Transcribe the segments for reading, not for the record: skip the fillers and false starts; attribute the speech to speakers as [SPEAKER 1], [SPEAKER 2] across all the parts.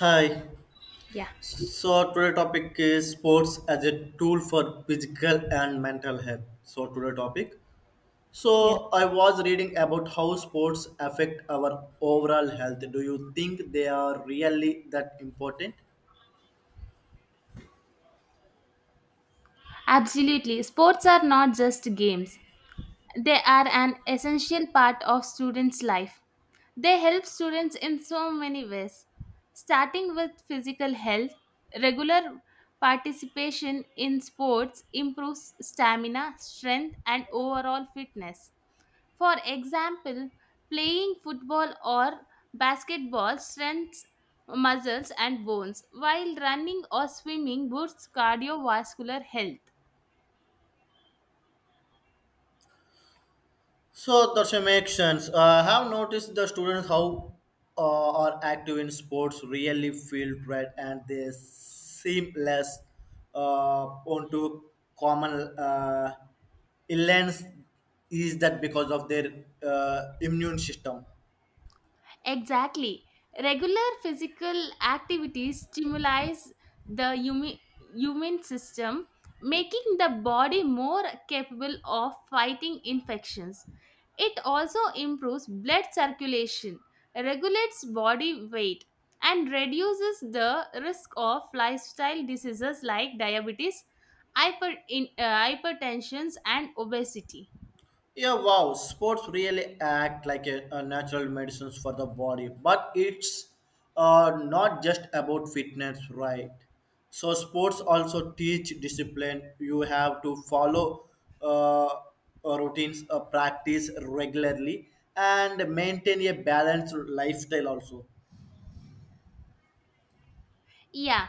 [SPEAKER 1] Hi.
[SPEAKER 2] Yeah.
[SPEAKER 1] So today topic is sports as a tool for physical and mental health. So today topic. So
[SPEAKER 2] Yeah,
[SPEAKER 1] I was reading about how sports affect our overall health. Do you think they are really that important?
[SPEAKER 2] absolutely. Sports are not just games, they are an essential part of students' life. They help students in so many ways, starting with physical health. Regular participation in sports improves stamina, strength, and overall fitness. For example, playing football or basketball strengthens muscles and bones, while running or swimming boosts cardiovascular health.
[SPEAKER 1] So that's a makes sense. I have noticed the students how are active in sports really feel great and they seem less onto common uh, illness. Is that because of their immune system?
[SPEAKER 2] Exactly. Regular physical activities stimulates the humi- human system, making the body more capable of fighting infections. It also improves blood circulation, regulates body weight, and reduces the risk of lifestyle diseases like diabetes, hypertension, and obesity.
[SPEAKER 1] Yeah, wow. Sports really act like a natural medicines for the body, but it's not just about fitness, right? So sports also teach discipline. You have to follow uh, routines, practice regularly, and maintain a balanced lifestyle also.
[SPEAKER 2] Yeah,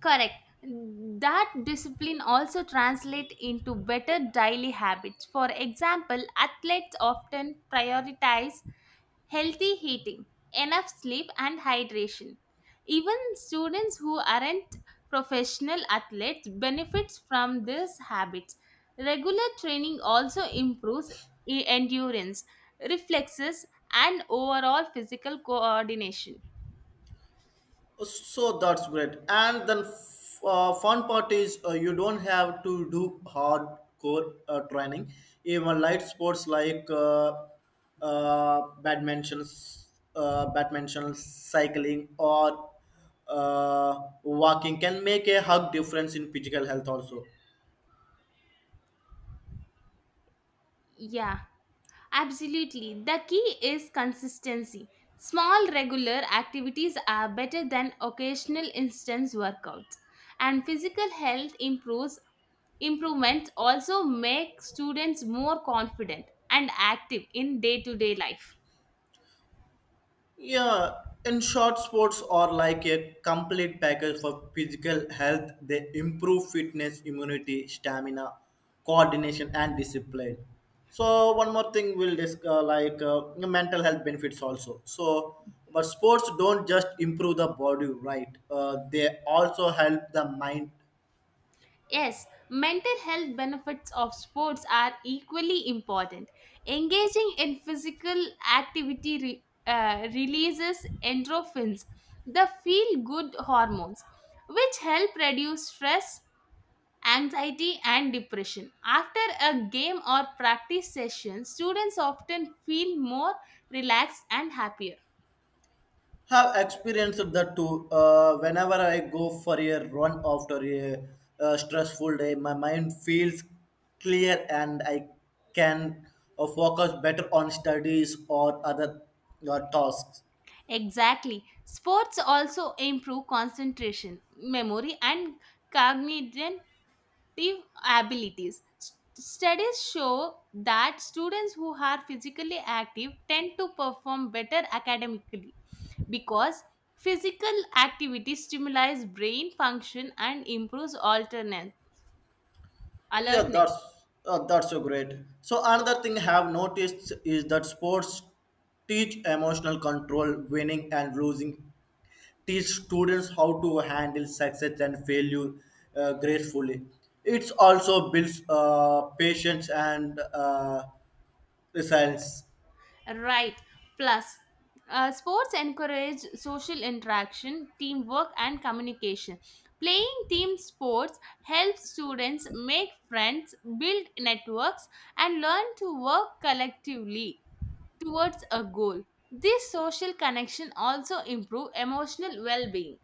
[SPEAKER 2] correct. That discipline also translate into better daily habits. For example, athletes often prioritize healthy eating, enough sleep and hydration. Even students who aren't professional athletes benefits from these habits. Regular training also improves endurance, reflexes and overall physical coordination.
[SPEAKER 1] So that's great. And then fun part is you don't have to do hardcore training. Even light sports like uh, badminton, badminton, cycling, or walking can make a hug difference in physical health also.
[SPEAKER 2] Yeah, absolutely. The key is consistency. Small regular activities are better than occasional instance workouts. And physical health improves improvements also make students more confident and active in day-to-day life.
[SPEAKER 1] Yeah, in short, sports are like a complete package for physical health. They improve fitness, immunity, stamina, coordination, and discipline. So one more thing we'll discuss, like mental health benefits also. But sports don't just improve the body, right? They also help the mind.
[SPEAKER 2] Yes, mental health benefits of sports are equally important. Engaging in physical activity releases endorphins, the feel good hormones, which help reduce stress, anxiety, and depression. After a game or practice session, students often feel more relaxed and happier.
[SPEAKER 1] Have experienced that too. Whenever I go for a run after a stressful day, my mind feels clear and I can focus better on studies or other tasks.
[SPEAKER 2] Exactly. Sports also improve concentration, memory, and cognitive abilities. Studies show that students who are physically active tend to perform better academically because physical activity stimulates brain function and improves alternate
[SPEAKER 1] Yeah,
[SPEAKER 2] alertness.
[SPEAKER 1] that's so great. So another thing I have noticed is that sports teach emotional control, winning and losing teach students how to handle success and failure gracefully. It also builds patience and resilience.
[SPEAKER 2] Right. Plus, sports encourage social interaction, teamwork, and communication. Playing team sports helps students make friends, build networks, and learn to work collectively towards a goal. This social connection also improves emotional well-being.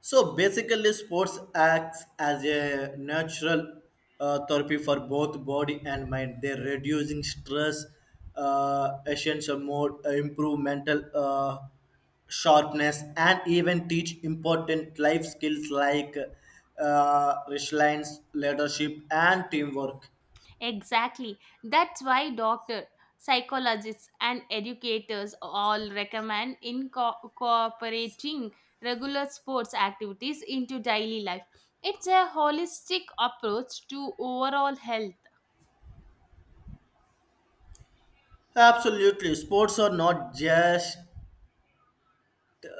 [SPEAKER 1] So basically, sports acts as a natural therapy for both body and mind. They're reducing stress, essential mode, improve mental sharpness, and even teach important life skills like resilience, leadership, and teamwork.
[SPEAKER 2] Exactly. That's why doctor, psychologists and educators all recommend incorporating regular sports activities into daily life. It's a holistic approach to overall health.
[SPEAKER 1] Absolutely, sports are not just.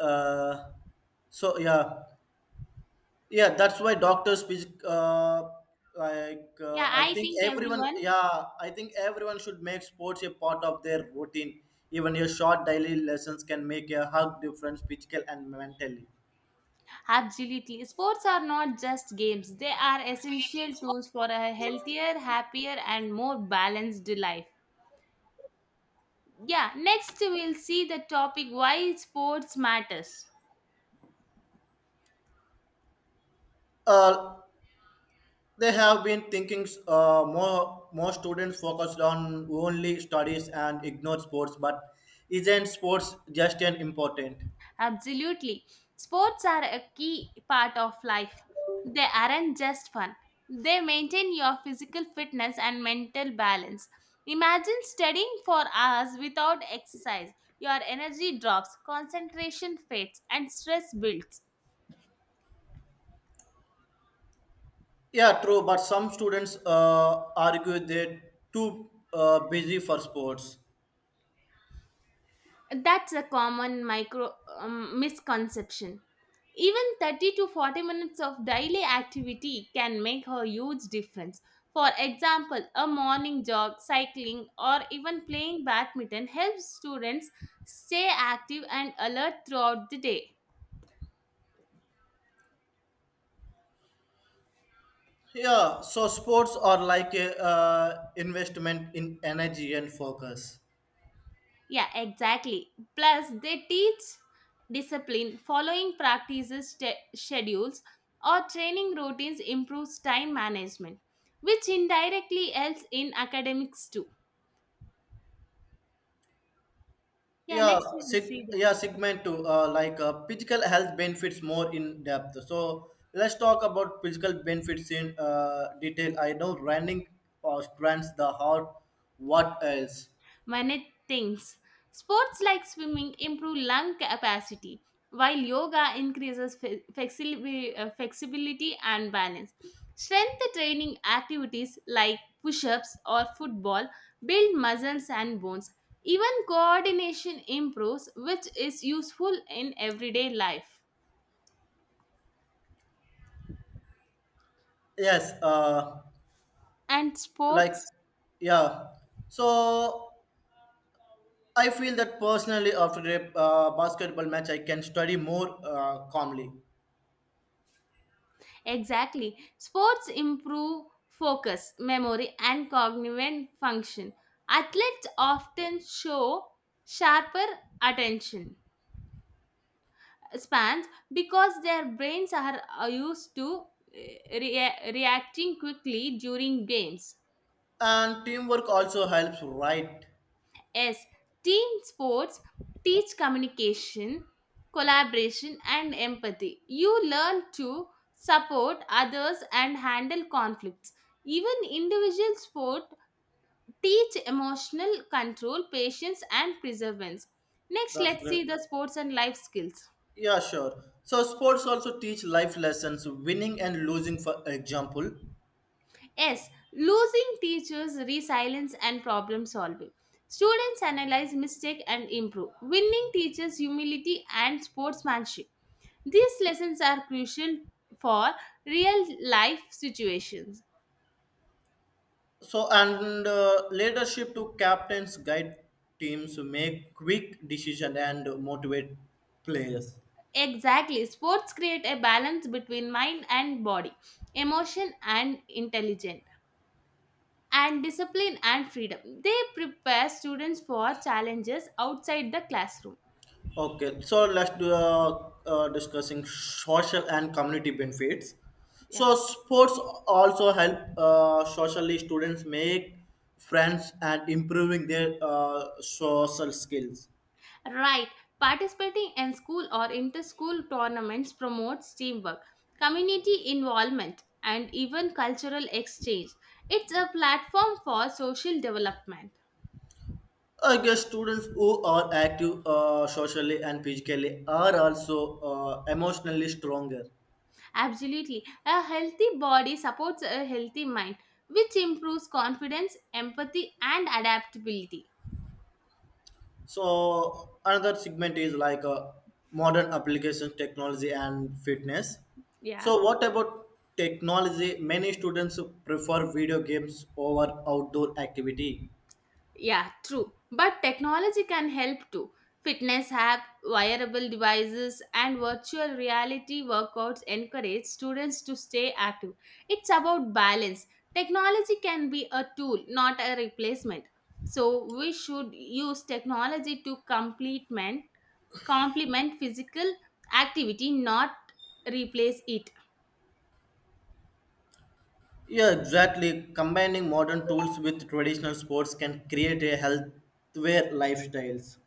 [SPEAKER 1] Uh, so yeah Yeah, that's why doctors,
[SPEAKER 2] Yeah,
[SPEAKER 1] I
[SPEAKER 2] I
[SPEAKER 1] think
[SPEAKER 2] think everyone
[SPEAKER 1] I think everyone should make sports a part of their routine. Even your short daily lessons can make a hug difference, physical and mentally.
[SPEAKER 2] absolutely. Sports are not just games. They are essential tools for a healthier, happier and more balanced life. Yeah, next we'll see the topic why sports matters.
[SPEAKER 1] Uh, they have been thinking more students focused on only studies and ignore sports, but isn't sports just an important?
[SPEAKER 2] Absolutely. Sports are a key part of life. They aren't just fun, they maintain your physical fitness and mental balance. Imagine studying for hours without exercise. Your energy drops, concentration fades, and stress builds.
[SPEAKER 1] Yeah, true. But some students argue they're too busy for sports.
[SPEAKER 2] That's a common micro misconception. Even 30 to 40 minutes of daily activity can make a huge difference. For example, a morning jog, cycling, or even playing badminton helps students stay active and alert throughout the day.
[SPEAKER 1] Yeah, so sports are like a investment in energy and focus.
[SPEAKER 2] Yeah, exactly. Plus, they teach discipline, following practices, schedules, or training routines improves time management, which indirectly helps in academics too. Yeah, next we will see.
[SPEAKER 1] Segment two, physical health benefits more in depth. So let's talk about physical benefits in detail. I know running strengthens the heart. What else?
[SPEAKER 2] When it thinks, sports like swimming improve lung capacity, while yoga increases flexibility and balance. Strength training activities like push ups or football build muscles and bones. Even coordination improves, which is useful in everyday life.
[SPEAKER 1] Yes,
[SPEAKER 2] And
[SPEAKER 1] like
[SPEAKER 2] sports
[SPEAKER 1] yeah. So I feel that personally after a basketball match, I can study more calmly.
[SPEAKER 2] exactly. Sports improve focus, memory, and cognitive function. Athletes often show sharper attention spans because their brains are used to reacting quickly during games.
[SPEAKER 1] And teamwork also helps, right?
[SPEAKER 2] Yes, team sports teach communication, collaboration, and empathy. You learn to support others and handle conflicts. Even individual sport teach emotional control, patience, and perseverance. Next,
[SPEAKER 1] That's
[SPEAKER 2] let's
[SPEAKER 1] great.
[SPEAKER 2] see the sports and life skills.
[SPEAKER 1] Yeah, sure. So sports also teach life lessons, winning and losing, for example.
[SPEAKER 2] Yes, losing teachers resilience and problem solving. Students analyze mistake and improve. Winning teaches humility and sportsmanship. These lessons are crucial for real life situations.
[SPEAKER 1] So and leadership to captains guide teams to make quick decision and motivate players.
[SPEAKER 2] Exactly, sports create a balance between mind and body, emotion and intelligence, and discipline and freedom. They prepare students for challenges outside the classroom.
[SPEAKER 1] Okay, so let's do discussing social and community benefits.
[SPEAKER 2] Yeah.
[SPEAKER 1] So sports also help socially students make friends and improving their social skills.
[SPEAKER 2] Right. Participating in school or inter school tournaments promotes teamwork, community involvement, and even cultural exchange. It's a platform for social development.
[SPEAKER 1] I guess students who are active socially and physically are also emotionally stronger.
[SPEAKER 2] Absolutely. A healthy body supports a healthy mind, which improves confidence, empathy, and adaptability.
[SPEAKER 1] So another segment is like modern applications, technology, and fitness.
[SPEAKER 2] Yeah.
[SPEAKER 1] So what about technology? Many students prefer video games over outdoor activity.
[SPEAKER 2] Yeah, true. But technology can help too. Fitness app, wearable devices, and virtual reality workouts encourage students to stay active. It's about balance. Technology can be a tool, not a replacement. So we should use technology to complement complement physical activity, not replace it.
[SPEAKER 1] Yeah, exactly. Combining modern tools with traditional sports can create a healthier lifestyles.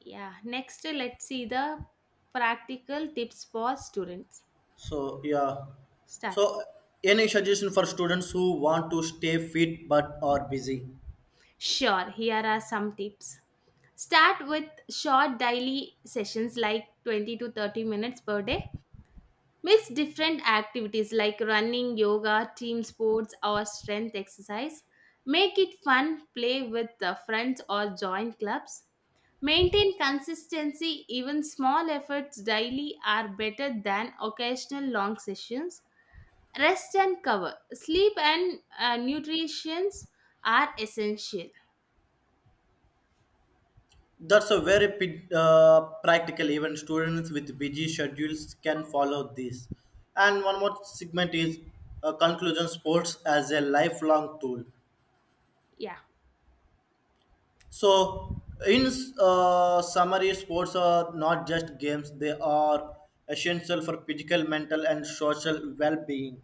[SPEAKER 2] Yeah. Next, let's see the practical tips for students.
[SPEAKER 1] So yeah.
[SPEAKER 2] Start.
[SPEAKER 1] So any suggestion for students who want to stay fit but are busy?
[SPEAKER 2] Sure, here are some tips. Start with short daily sessions like 20 to 30 minutes per day. Mix different activities like running, yoga, team sports, or strength exercise. Make it fun, play with the friends, or join clubs. Maintain consistency, even small efforts daily are better than occasional long sessions. Rest and cover. Sleep and nutrition are essential.
[SPEAKER 1] That's a very practical. Even students with busy schedules can follow this. And one more segment is conclusion sports as a lifelong tool.
[SPEAKER 2] Yeah.
[SPEAKER 1] So, in summary, sports are not just games, they are essential for physical, mental, and social well being.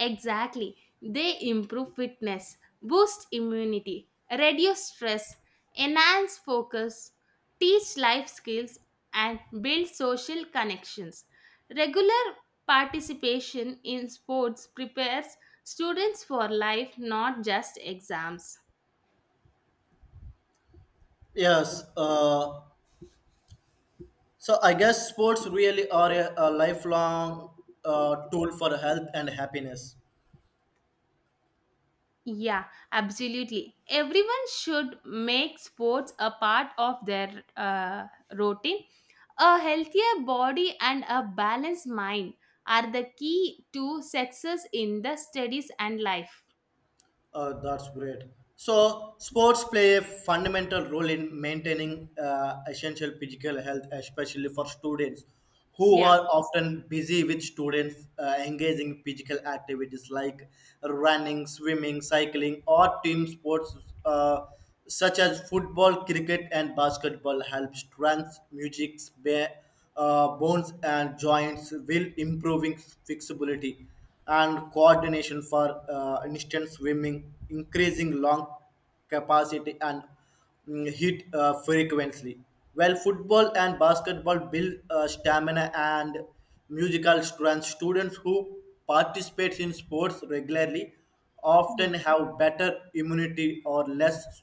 [SPEAKER 2] Exactly. They improve fitness, boost immunity, reduce stress, enhance focus, teach life skills, and build social connections. Regular participation in sports prepares students for life, not just exams.
[SPEAKER 1] Yes. So I guess sports really are a lifelong tool for health and happiness.
[SPEAKER 2] Yeah, absolutely. Everyone should make sports a part of their routine. A healthier body and a balanced mind are the key to success in the studies and life.
[SPEAKER 1] That's great. So, sports play a fundamental role in maintaining essential physical health, especially for students who
[SPEAKER 2] Yeah.
[SPEAKER 1] are often busy with students engaging physical activities like running, swimming, cycling, or team sports. Uh, Such as football, cricket, and basketball, help strength, music, bones, and joints, will improving flexibility and coordination for instance swimming, increasing lung capacity and hit frequency. While football and basketball build stamina and musical strength, students who participate in sports regularly
[SPEAKER 2] Yeah,
[SPEAKER 1] often have better immunity or less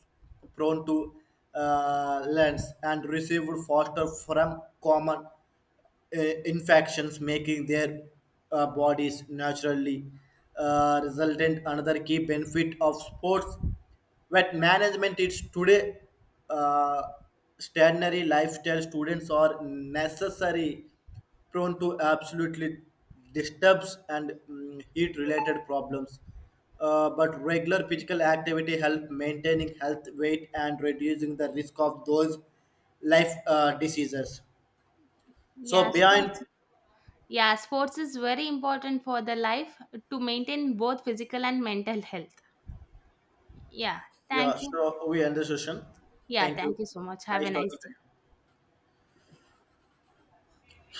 [SPEAKER 1] prone to lens and receive faster from common infections, making their bodies naturally resultant. Another key benefit of sports wet management is today uh, stationary lifestyle students are necessary prone to absolutely disturbs and heat related problems. But regular physical activity help maintaining health weight and reducing the risk of those life diseases. So
[SPEAKER 2] Yeah,
[SPEAKER 1] behind,
[SPEAKER 2] sports. Yeah, sports is very important for the life to maintain both physical and mental health. Yeah,
[SPEAKER 1] yeah,
[SPEAKER 2] thank you.
[SPEAKER 1] so we end the session.
[SPEAKER 2] Yeah,
[SPEAKER 1] Thank you.
[SPEAKER 2] thank you so much. Have
[SPEAKER 1] Nice
[SPEAKER 2] a nice
[SPEAKER 1] talking to
[SPEAKER 2] day.
[SPEAKER 1] you.